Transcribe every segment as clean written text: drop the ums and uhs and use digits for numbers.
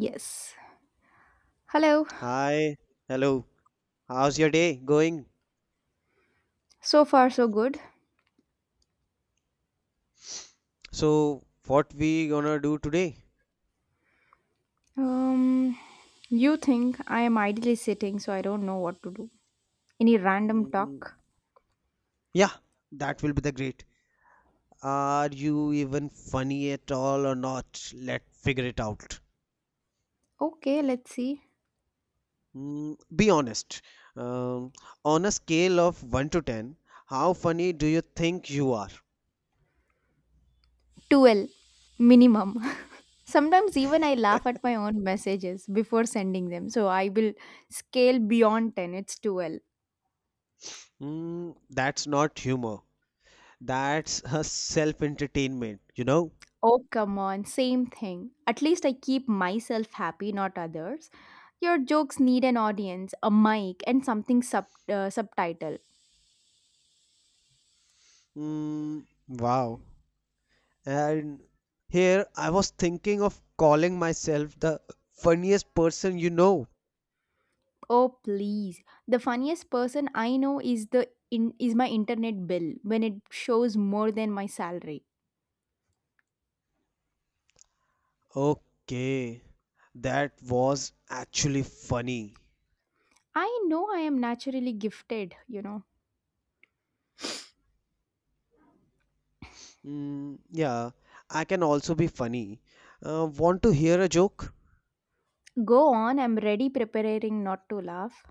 Yes. Hello. Hi, hello. How's your day going? So far, so good. So, what we gonna do today? Um, you think I am idly sitting, so I don't know what to do. Any random Mm, talk? yeah, that will be the great. Are you even funny at all or not? Let's figure it out. Okay, let's see. Mm, be honest. Um, on a scale of 1 to 10, how funny do you think you are? 12 minimum. Sometimes even I laugh at my own messages before sending them, so I will scale beyond 10. It's 12. Mm, that's not humor. That's a self-entertainment, you know? Oh, come on, same thing. At least I keep myself happy, not others. Your jokes need an audience, a mic, and something subtitle. Mm, wow. And here I was thinking of calling myself the funniest person you know. Oh please. The funniest person I know is is my internet bill when it shows more than my salary. Okay, that was actually funny. I know I am naturally gifted. Yeah, I can also be funny. Want to hear a joke? Go on, I'm ready preparing not to laugh.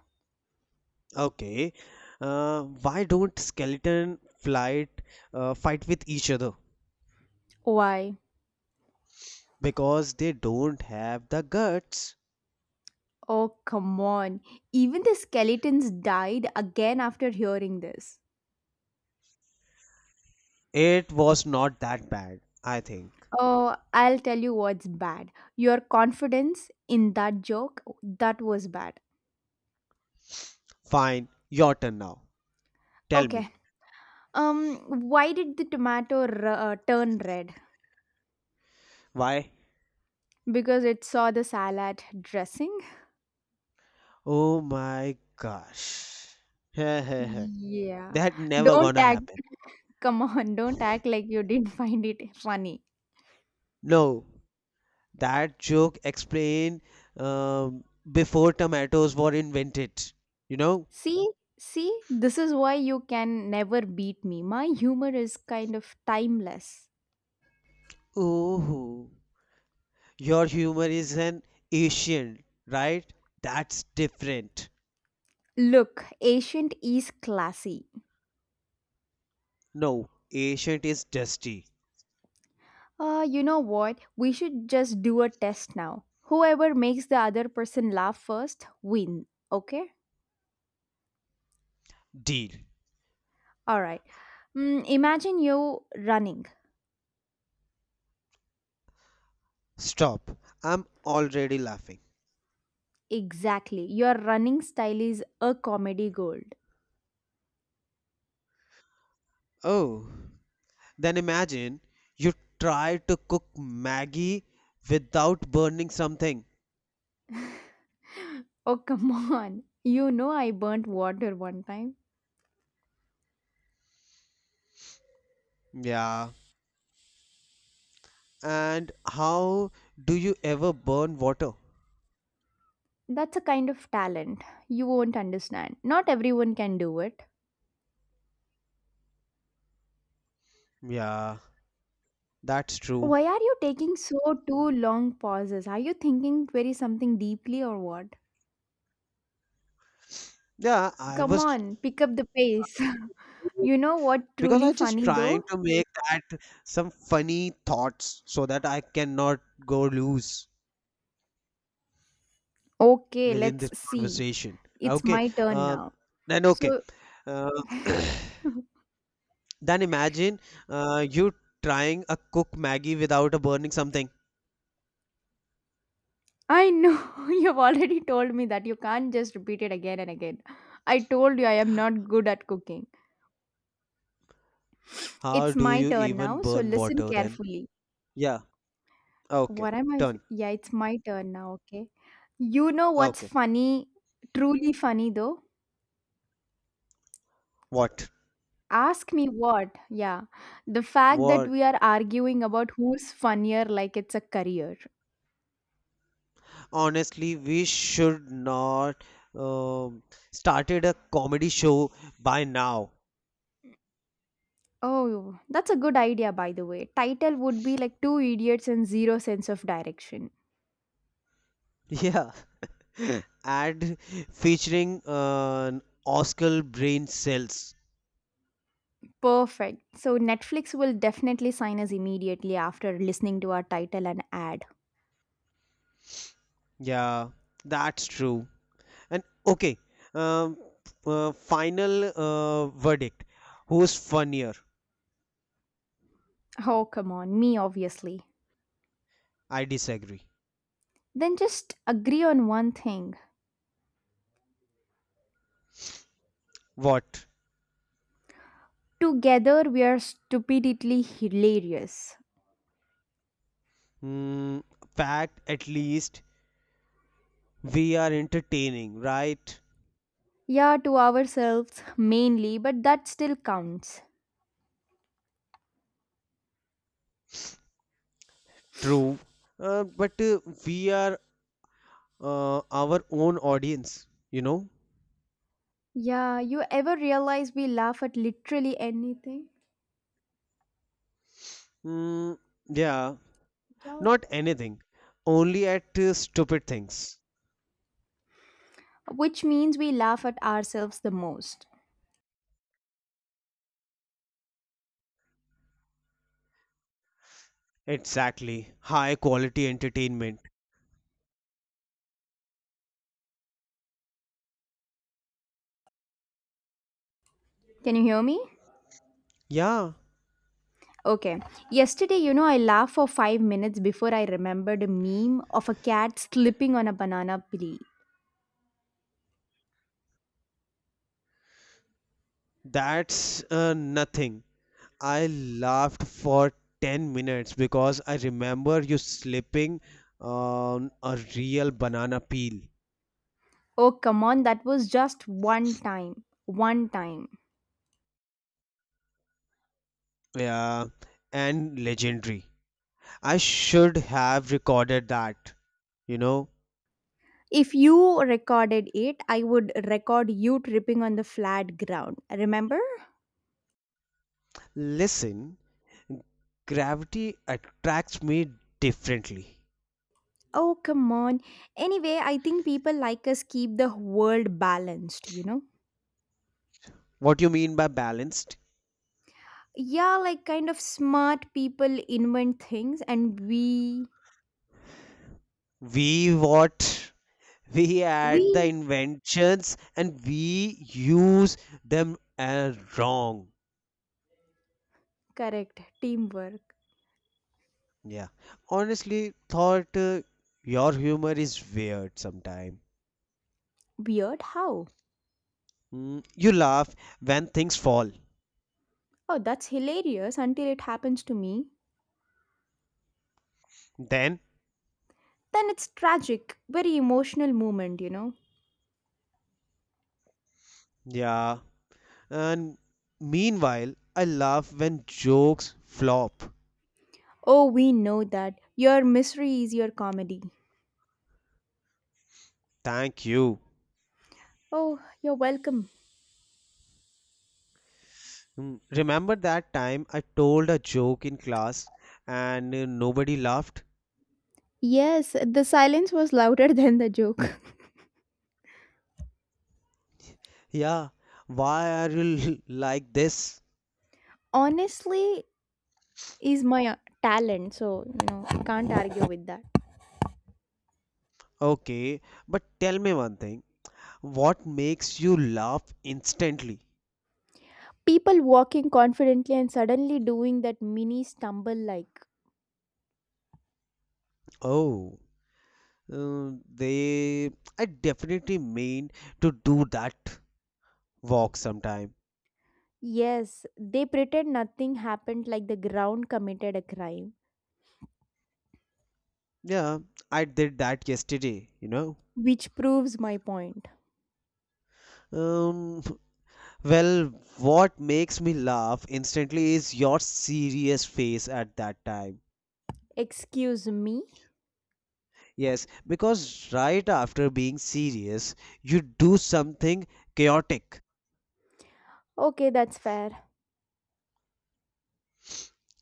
Okay. Why don't skeleton flight fight with each other? Why? Because they don't have the guts. Oh come on. Even the skeletons died again after hearing this. It was not that bad, I think. Oh, I'll tell you what's bad. Your confidence in that joke, that was bad. Fine, your turn now. Tell me, Okay. Um why did the tomato turn red? why. Because it saw the salad dressing? Oh my gosh. That Yeah. never Don't gonna act, happen. come on, don't act like you didn't find it funny. No, that joke explained um, before tomatoes were invented. You know? See, see, this is why you can never beat me. My humor is kind of timeless. Oh, your humor is an ancient, right? That's different. Look, ancient is classy. No, ancient is dusty. You know what? We should just do a test now. Whoever makes the other person laugh first, win. Okay? Deal. Alright. Imagine you running. Stop. I'm already laughing. Exactly. Your running style is a comedy gold. Oh, then imagine you try to cook Maggie without burning something. Oh, come on. You know I burnt water one time. Yeah. And how do you ever burn water? That's a kind of talent. You won't understand. Not everyone can do it. Yeah, that's true. Why are you taking so two long pauses? Are you thinking very something deeply or what? Yeah, I Come was, on, pick up the pace. You know what because truly I just funny though? trying to make that some funny thoughts so that I cannot go loose Okay, within let's this see. conversation. It's Okay. my turn Uh, now. then okay. So Uh, then imagine you trying a cook Maggie without a burning something. I know you've already told me that you can't just repeat it again and again. I told you I am not good at cooking. How It's do my you turn even now, so burn listen water then? carefully. Yeah. Okay. What am I? Done. Yeah, it's my turn now, okay? You know what's Okay. funny, truly funny though? What? Ask me what? Yeah, the fact that What? we are arguing about who's funnier like it's a career. Honestly, we should not um started a comedy show by now. Oh, that's a good idea, by the way. Title would be like Two Idiots and Zero Sense of Direction. Yeah, and featuring Oscar brain cells. Perfect. So Netflix will definitely sign us immediately after listening to our title and ad. Yeah, that's true. And okay, um, final verdict. Who's funnier? Oh, come on, me obviously. I disagree. Then just agree on one thing. What? Together we are stupidly hilarious. Mm, fact, at least we are entertaining, right? Yeah, to ourselves mainly, but that still counts. True. But we are our own audience, you know? Yeah, you ever realize we laugh at literally anything? Mm, yeah, not anything, only at stupid things. Which means we laugh at ourselves the most. Exactly, high quality entertainment. Can you hear me? Yeah, Okay. Yesterday, I laughed for 5 minutes before I remembered a meme of a cat slipping on a banana peel. that's nothing. I laughed for 10 minutes because I remember you slipping on a real banana peel. Oh, come on, that was just one time. One time. Yeah, and legendary. I should have recorded that, you know. If you recorded it, I would record you tripping on the flat ground. Remember? Listen, gravity attracts me differently. Oh, come on. Anyway, I think people like us keep the world balanced, you know? What do you mean by balanced? Yeah, like kind of smart people invent things and we. We what? We add the We. inventions and we use them wrong. Correct. Teamwork. Yeah. Honestly, thought your humor is weird sometime. Weird how? You laugh when things fall. Oh, that's hilarious until it happens to me. Then, Then it's tragic, very emotional moment. yeah. And meanwhile, I laugh when jokes flop. Oh, we know that. Your misery is your comedy. Thank you. Oh, you're welcome. Mm, remember that time I told a joke in class and nobody laughed? Yes, the silence was louder than the joke. Yeah, why are you like this? Honestly, is my talent, so, I can't argue with that. Okay, but tell me one thing. What makes you laugh instantly? People walking confidently and suddenly doing that mini stumble like, Oh, they. I definitely mean to do that walk sometime. yes, they pretend nothing happened like the ground committed a crime, Yeah, I did that yesterday, you know. which proves my point. Um, Well, what makes me laugh instantly is your serious face at that time. Excuse me? Yes, because right after being serious, you do something chaotic. Okay, that's fair.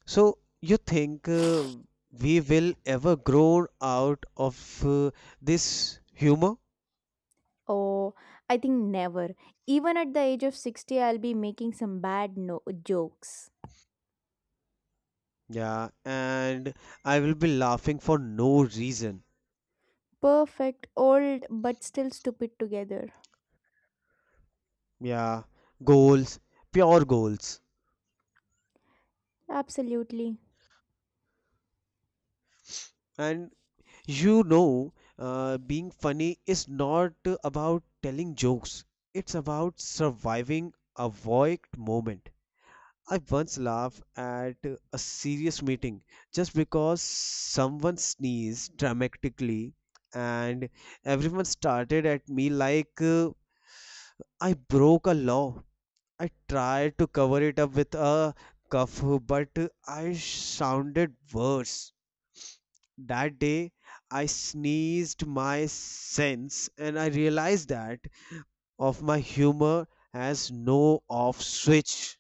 So you think we will ever grow out of uh, this humor? Oh, I think never. Even at the age of 60, I'll be making some bad jokes. Yeah, and I will be laughing for no reason. Perfect, old, but still stupid together. Yeah, goals, pure goals. Absolutely. And you know, being funny is not about telling jokes, it's about surviving a void moment. I once laughed at a serious meeting just because someone sneezed dramatically and everyone started at me like I broke a law. I tried to cover it up with a cuff, but I sounded worse. That day I sneezed my sense and I realized that of my humor has no off switch.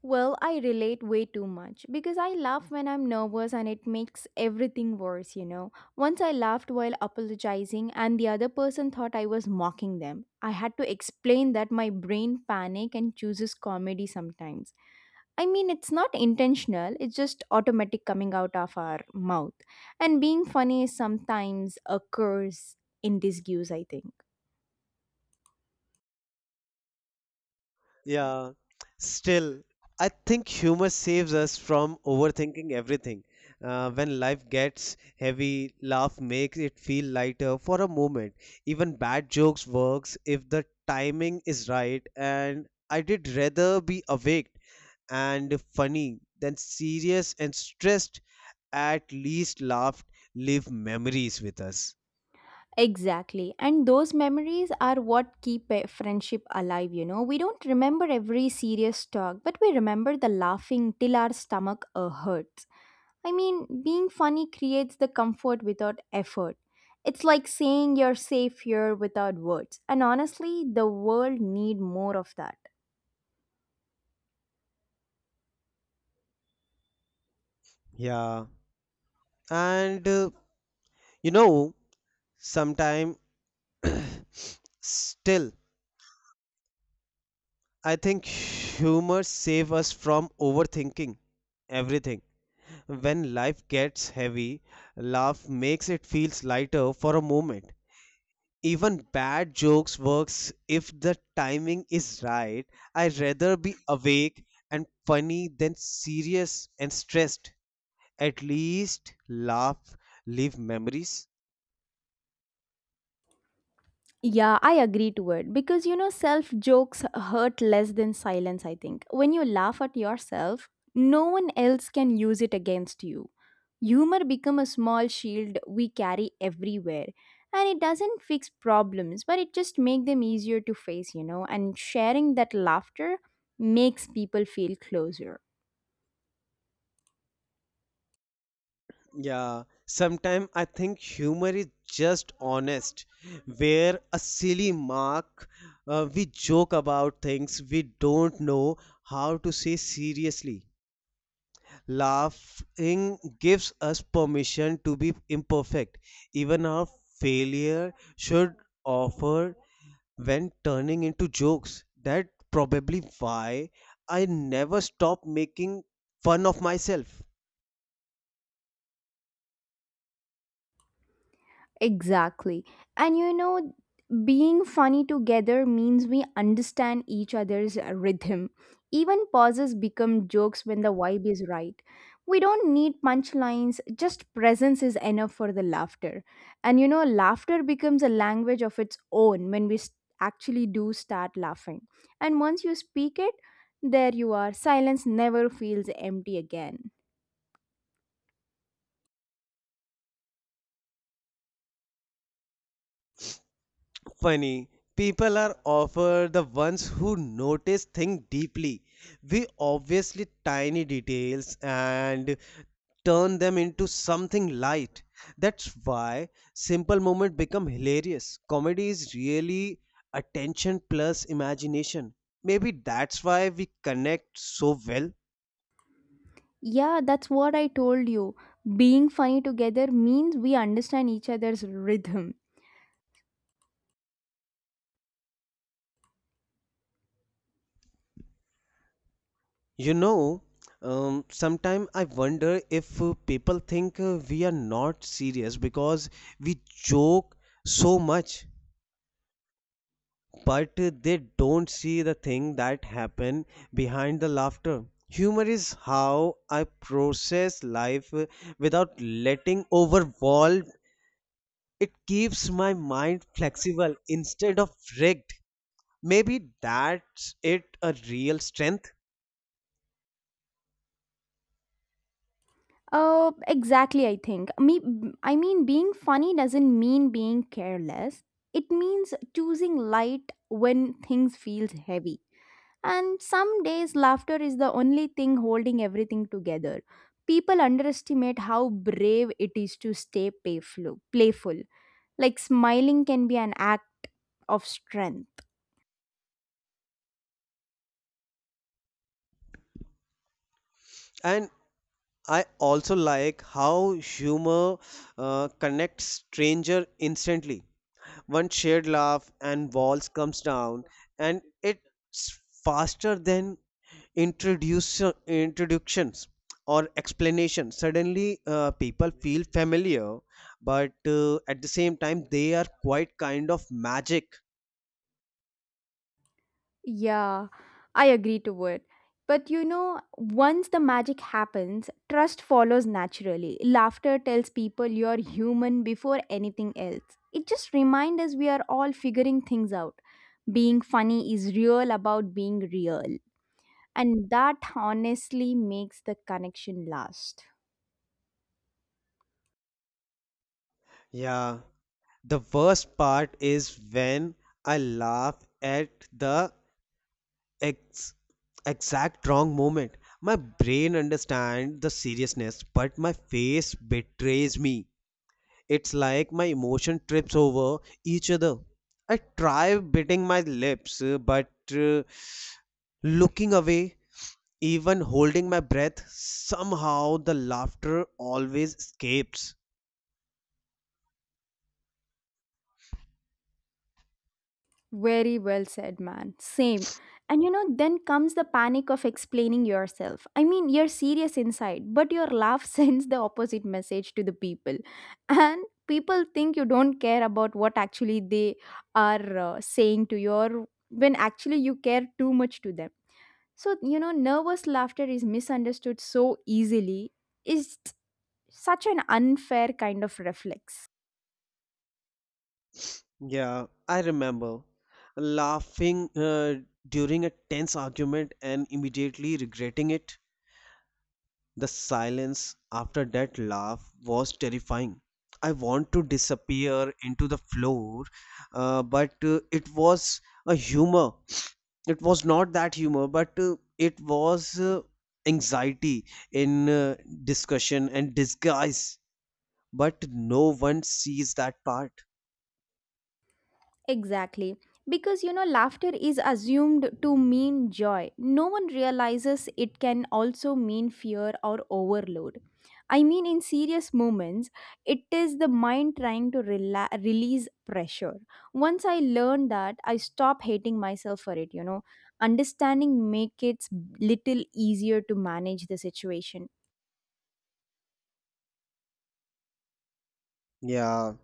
Well, I relate way too much because I laugh when I'm nervous and it makes everything worse. Once I laughed while apologizing and the other person thought I was mocking them. I had to explain that my brain panic and chooses comedy sometimes. I mean, it's not intentional, it's just automatic coming out of our mouth. And being funny is sometimes a curse in disguise, I think. Yeah. Still, I think humor saves us from overthinking everything. When life gets heavy, laugh makes it feel lighter for a moment. Even bad jokes works if the timing is right. And I did rather be awake and funny than serious and stressed, at least laughed live memories with us. Exactly. And those memories are what keep a friendship alive. We don't remember every serious talk, but we remember the laughing till our stomach hurts. I mean, being funny creates the comfort without effort. It's like saying you're safe here without words. And honestly, the world need more of that. Yeah, and you know sometime, still I think humor save us from overthinking everything. When life gets heavy, laugh makes it feels lighter for a moment. Even bad jokes works if the timing is right. I'd rather be awake and funny than serious and stressed, at least laugh leave memories. Yeah, I agree to it because self jokes hurt less than silence, I think. When you laugh at yourself, no one else can use it against you. Humor become a small shield we carry everywhere and it doesn't fix problems but it just make them easier to face, and sharing that laughter makes people feel closer. Yeah, sometimes I think humor is just honest where a silly mark. We joke about things we don't know how to say seriously. Laughing gives us permission to be imperfect, even our failure should offer when turning into jokes. That probably why I never stop making fun of myself. Exactly. And being funny together means we understand each other's rhythm. Even pauses become jokes when the vibe is right. We don't need punchlines, just presence is enough for the laughter. And laughter becomes a language of its own when we s actually do start laughing. And once you speak it, there you are. Silence never feels empty again. Funny, people are often the ones who notice things deeply. We obviously tiny details and turn them into something light. That's why simple moment become hilarious. Comedy is really attention plus imagination. Maybe that's why we connect so well. Yeah, that's what I told you. Being funny together means we understand each other's rhythm. You know, sometimes I wonder if people think we are not serious because we joke so much, but they don't see the thing that happen behind the laughter. Humor is how I process life without letting overwhelm. It keeps my mind flexible instead of rigged. Maybe that's it a real strength. Oh, exactly, I think. Me I mean being funny doesn't mean being careless. It means choosing light when things feels heavy. And some days laughter is the only thing holding everything together. People underestimate how brave it is to stay playful. Like smiling can be an act of strength. And I also like how humor connects stranger instantly. One shared laugh and walls comes down, and it's faster than introduce introductions or explanations. Suddenly, people feel familiar, but at the same time, they are quite kind of magic. Yeah, I agree to it. But once the magic happens, trust follows naturally. Laughter tells people you're human before anything else. It just reminds us we are all figuring things out. Being funny is real about being real. And that honestly makes the connection last. Yeah, the worst part is when I laugh at the ex- exact wrong moment. My brain understands the seriousness, but my face betrays me. It's like my emotion trips over each other. I try biting my lips, but uh, looking away, even holding my breath, somehow the laughter always escapes. Very well said, man. Same. And then comes the panic of explaining yourself. I mean, you're serious inside, but your laugh sends the opposite message to the people. And people think you don't care about what actually they are saying to you, or when actually you care too much to them. So, nervous laughter is misunderstood so easily. It's such an unfair kind of reflex. Yeah, I remember laughing during a tense argument and immediately regretting it. The silence after that laugh was terrifying. I want to disappear into the floor, but it was a humor. It was not that humor, but it was anxiety in discussion and disguise. But no one sees that part. Exactly. Because laughter is assumed to mean joy. No one realizes it can also mean fear or overload. I mean, in serious moments, it is the mind trying to release pressure. Once I learned that, I stopped hating myself for it. Understanding makes it little easier to manage the situation. Yeah,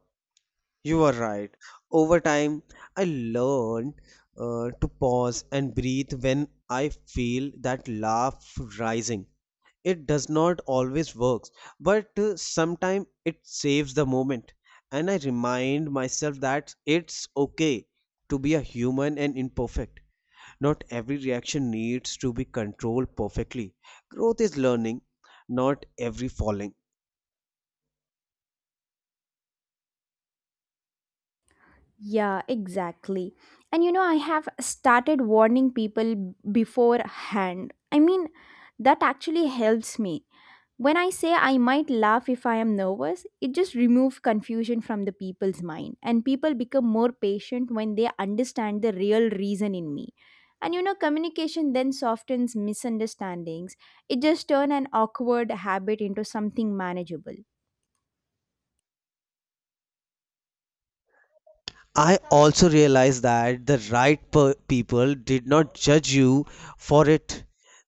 you are right. Over time, I learned to pause and breathe when I feel that laugh rising. It does not always work, but sometimes it saves the moment, and I remind myself that it's okay to be a human and imperfect. Not every reaction needs to be controlled perfectly. Growth is learning, not every falling. Yeah, exactly. And I have started warning people beforehand. I mean, that actually helps me. When I say I might laugh if I am nervous, it just removes confusion from the people's mind. And people become more patient when they understand the real reason in me. And communication then softens misunderstandings. It just turns an awkward habit into something manageable. I also realized that the people did not judge you for it.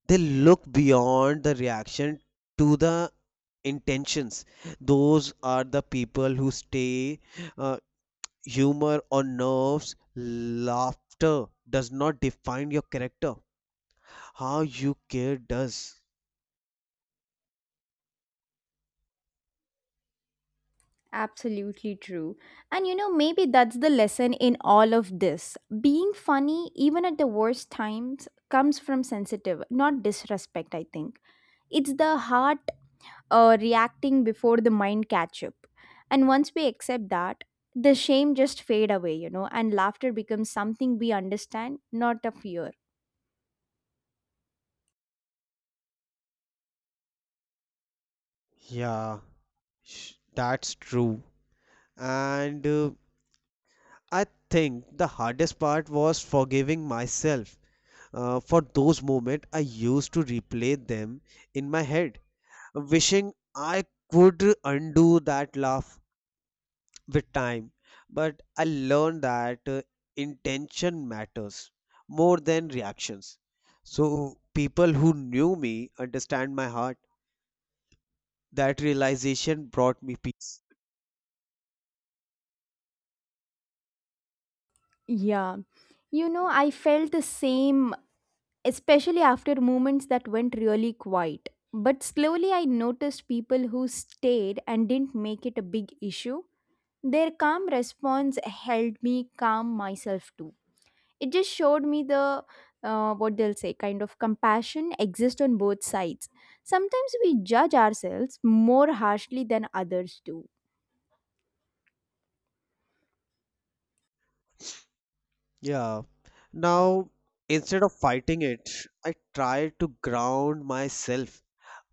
They look beyond the reaction to the intentions. Those are the people who stay. Uh, humor or nerves, laughter does not define your character. How you care does. Absolutely true. And maybe that's the lesson in all of this. Being funny, even at the worst times, comes from sensitive, not disrespect, I think. It's the heart reacting before the mind catch up. And once we accept that, the shame just fade away, and laughter becomes something we understand, not a fear. Yeah, that's true. And I think the hardest part was forgiving myself. For those moments, I used to replay them in my head, wishing I could undo that laugh with time. But I learned that intention matters more than reactions. So, people who knew me understand my heart. That realization brought me peace. Yeah. I felt the same especially after moments that went really quiet. But slowly I noticed people who stayed and didn't make it a big issue. Their calm response helped me calm myself too. It just showed me the what they'll say kind of compassion exists on both sides. Sometimes we judge ourselves more harshly than others do. Yeah. Now, instead of fighting it, I try to ground myself.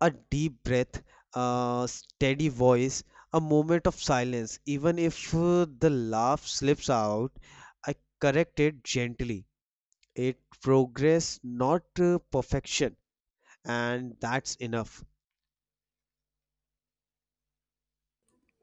A deep breath, a steady voice, a moment of silence. Even if the laugh slips out, I correct it gently. It progress, not perfection, and that's enough.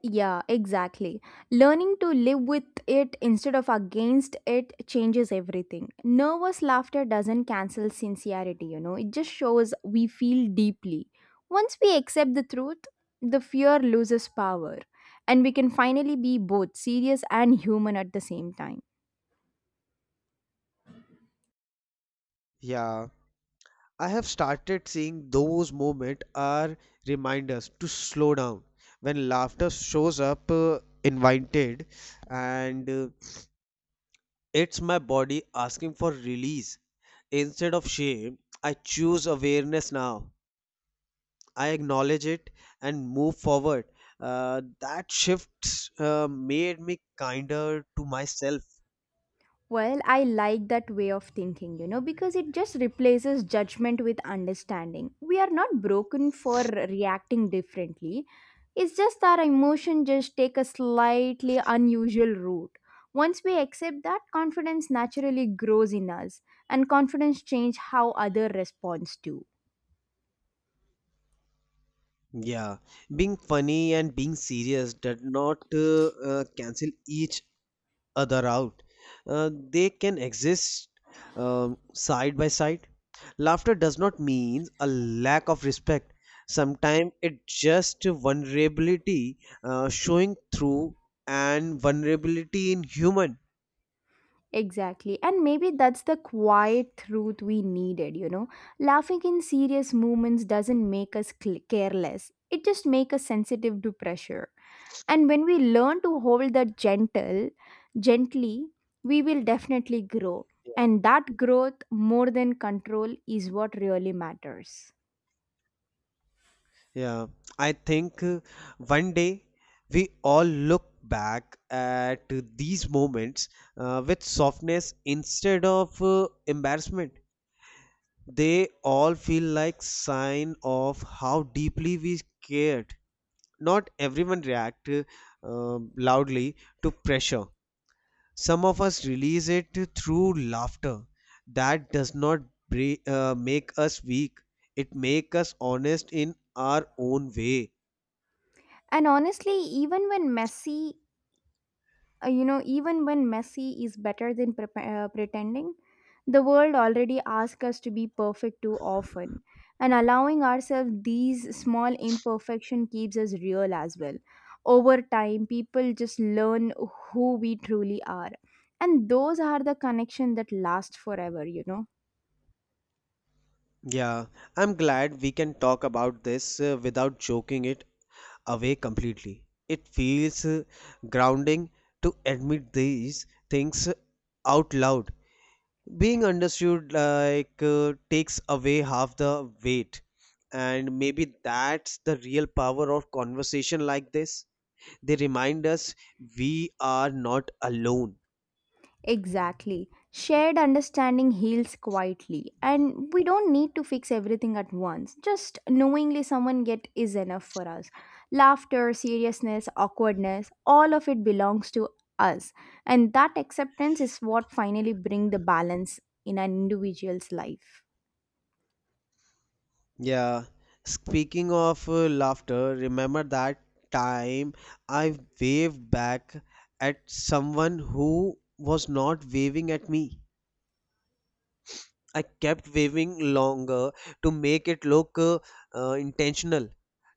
Yeah, exactly. Learning to live with it instead of against it changes everything. Nervous laughter doesn't cancel sincerity, it just shows we feel deeply. Once we accept the truth, the fear loses power, and we can finally be both serious and human at the same time. Yeah. I have started seeing those moments are reminders to slow down when laughter shows up invited, and it's my body asking for release. Instead of shame, I choose awareness now. I acknowledge it and move forward. That shift made me kinder to myself. Well, I like that way of thinking, because it just replaces judgment with understanding. We are not broken for reacting differently. It's just our emotion just take a slightly unusual route. Once we accept that, confidence naturally grows in us and confidence change how other responds to. Yeah, being funny and being serious did not cancel each other out. They can exist side by side. Laughter does not mean a lack of respect. Sometimes it just vulnerability showing through, and vulnerability in human. Exactly. And maybe that's the quiet truth we needed. Laughing in serious moments doesn't make us careless. It just makes us sensitive to pressure. And when we learn to hold that gently, we will definitely grow. And that growth more than control is what really matters. Yeah, I think one day we all look back at these moments with softness instead of embarrassment. They all feel like sign of how deeply we cared. Not everyone react loudly to pressure. Some of us release it through laughter. That does not make us weak. It make us honest in our own way. And honestly, even when messy is better than pretending, the world already asks us to be perfect too often. And allowing ourselves these small imperfection keeps us real as well. Over time, people just learn who we truly are. And those are the connection that last forever. Yeah, I'm glad we can talk about this without joking it away completely. It feels grounding to admit these things out loud. Being understood like takes away half the weight. And maybe that's the real power of conversation like this. They remind us we are not alone. Exactly. Shared understanding heals quietly, and we don't need to fix everything at once. Just knowingly someone get is enough for us. Laughter, seriousness, awkwardness, all of it belongs to us. And that acceptance is what finally bring the balance in an individual's life. Yeah, speaking of laughter, remember that time I waved back at someone who was not waving at me. I kept waving longer to make it look intentional.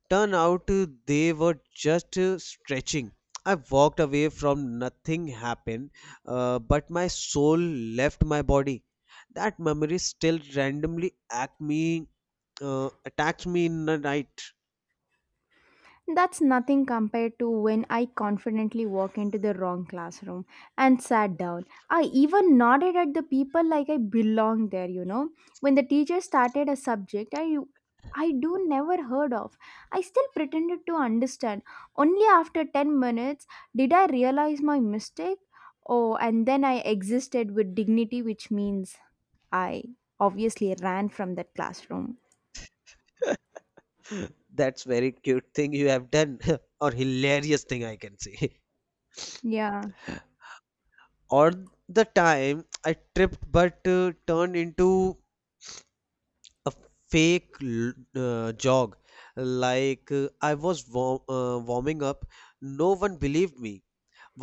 Turn out they were just stretching. I walked away from nothing happened, but my soul left my body. That memory still randomly attacks me in the night. That's nothing compared to when I confidently walk into the wrong classroom and sat down. I even nodded at the people like I belonged there. When the teacher started a subject I do never heard of, I still pretended to understand. Only after 10 minutes did I realize my mistake. Oh, and then I existed with dignity, which means I obviously ran from that classroom. That's very cute thing you have done, or hilarious thing I can say. Yeah. Or the time I tripped but turned into a fake jog like I was warming up. No one believed me.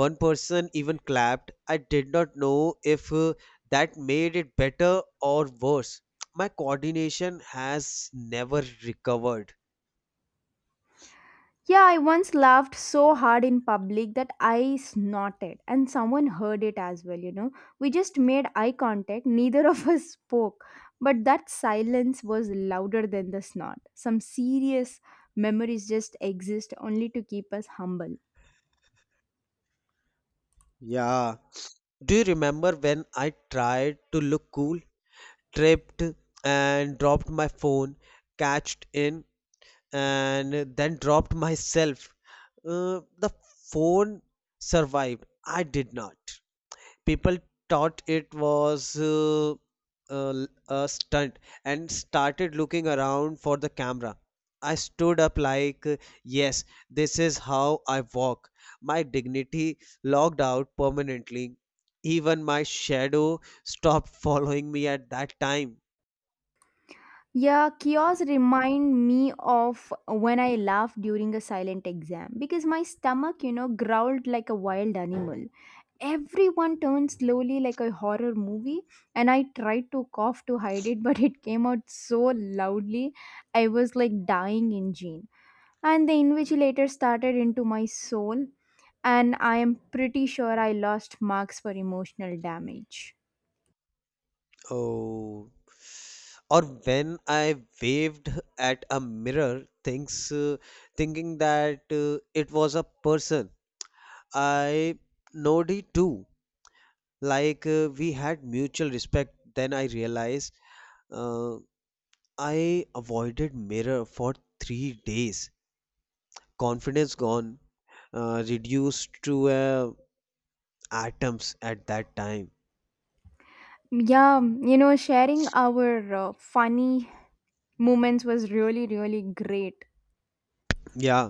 One person even clapped. I did not know if that made it better or worse. My coordination has never recovered. Yeah, I once laughed so hard in public that I snorted, and someone heard it as well. We just made eye contact, neither of us spoke, but that silence was louder than the snort. Some serious memories just exist only to keep us humble. Yeah, do you remember when I tried to look cool, tripped and dropped my phone, catched in and then dropped myself. The phone survived. I did not. People thought it was a stunt and started looking around for the camera. I stood up like, yes, this is how I walk. My dignity logged out permanently. Even my shadow stopped following me at that time. Yeah, chaos remind me of when I laughed during a silent exam because my stomach, growled like a wild animal. Everyone turned slowly like a horror movie and I tried to cough to hide it but it came out so loudly. I was like dying engine and the invigilator started into my soul, and I am pretty sure I lost marks for emotional damage. Oh, or when I waved at a mirror, thinks thinking that it was a person. I Nodi too. Like we had mutual respect. Then I realized uh, I avoided mirror for 3 days. Confidence gone, reduced to atoms at that time. Yeah, sharing our funny moments was really really great. Yeah.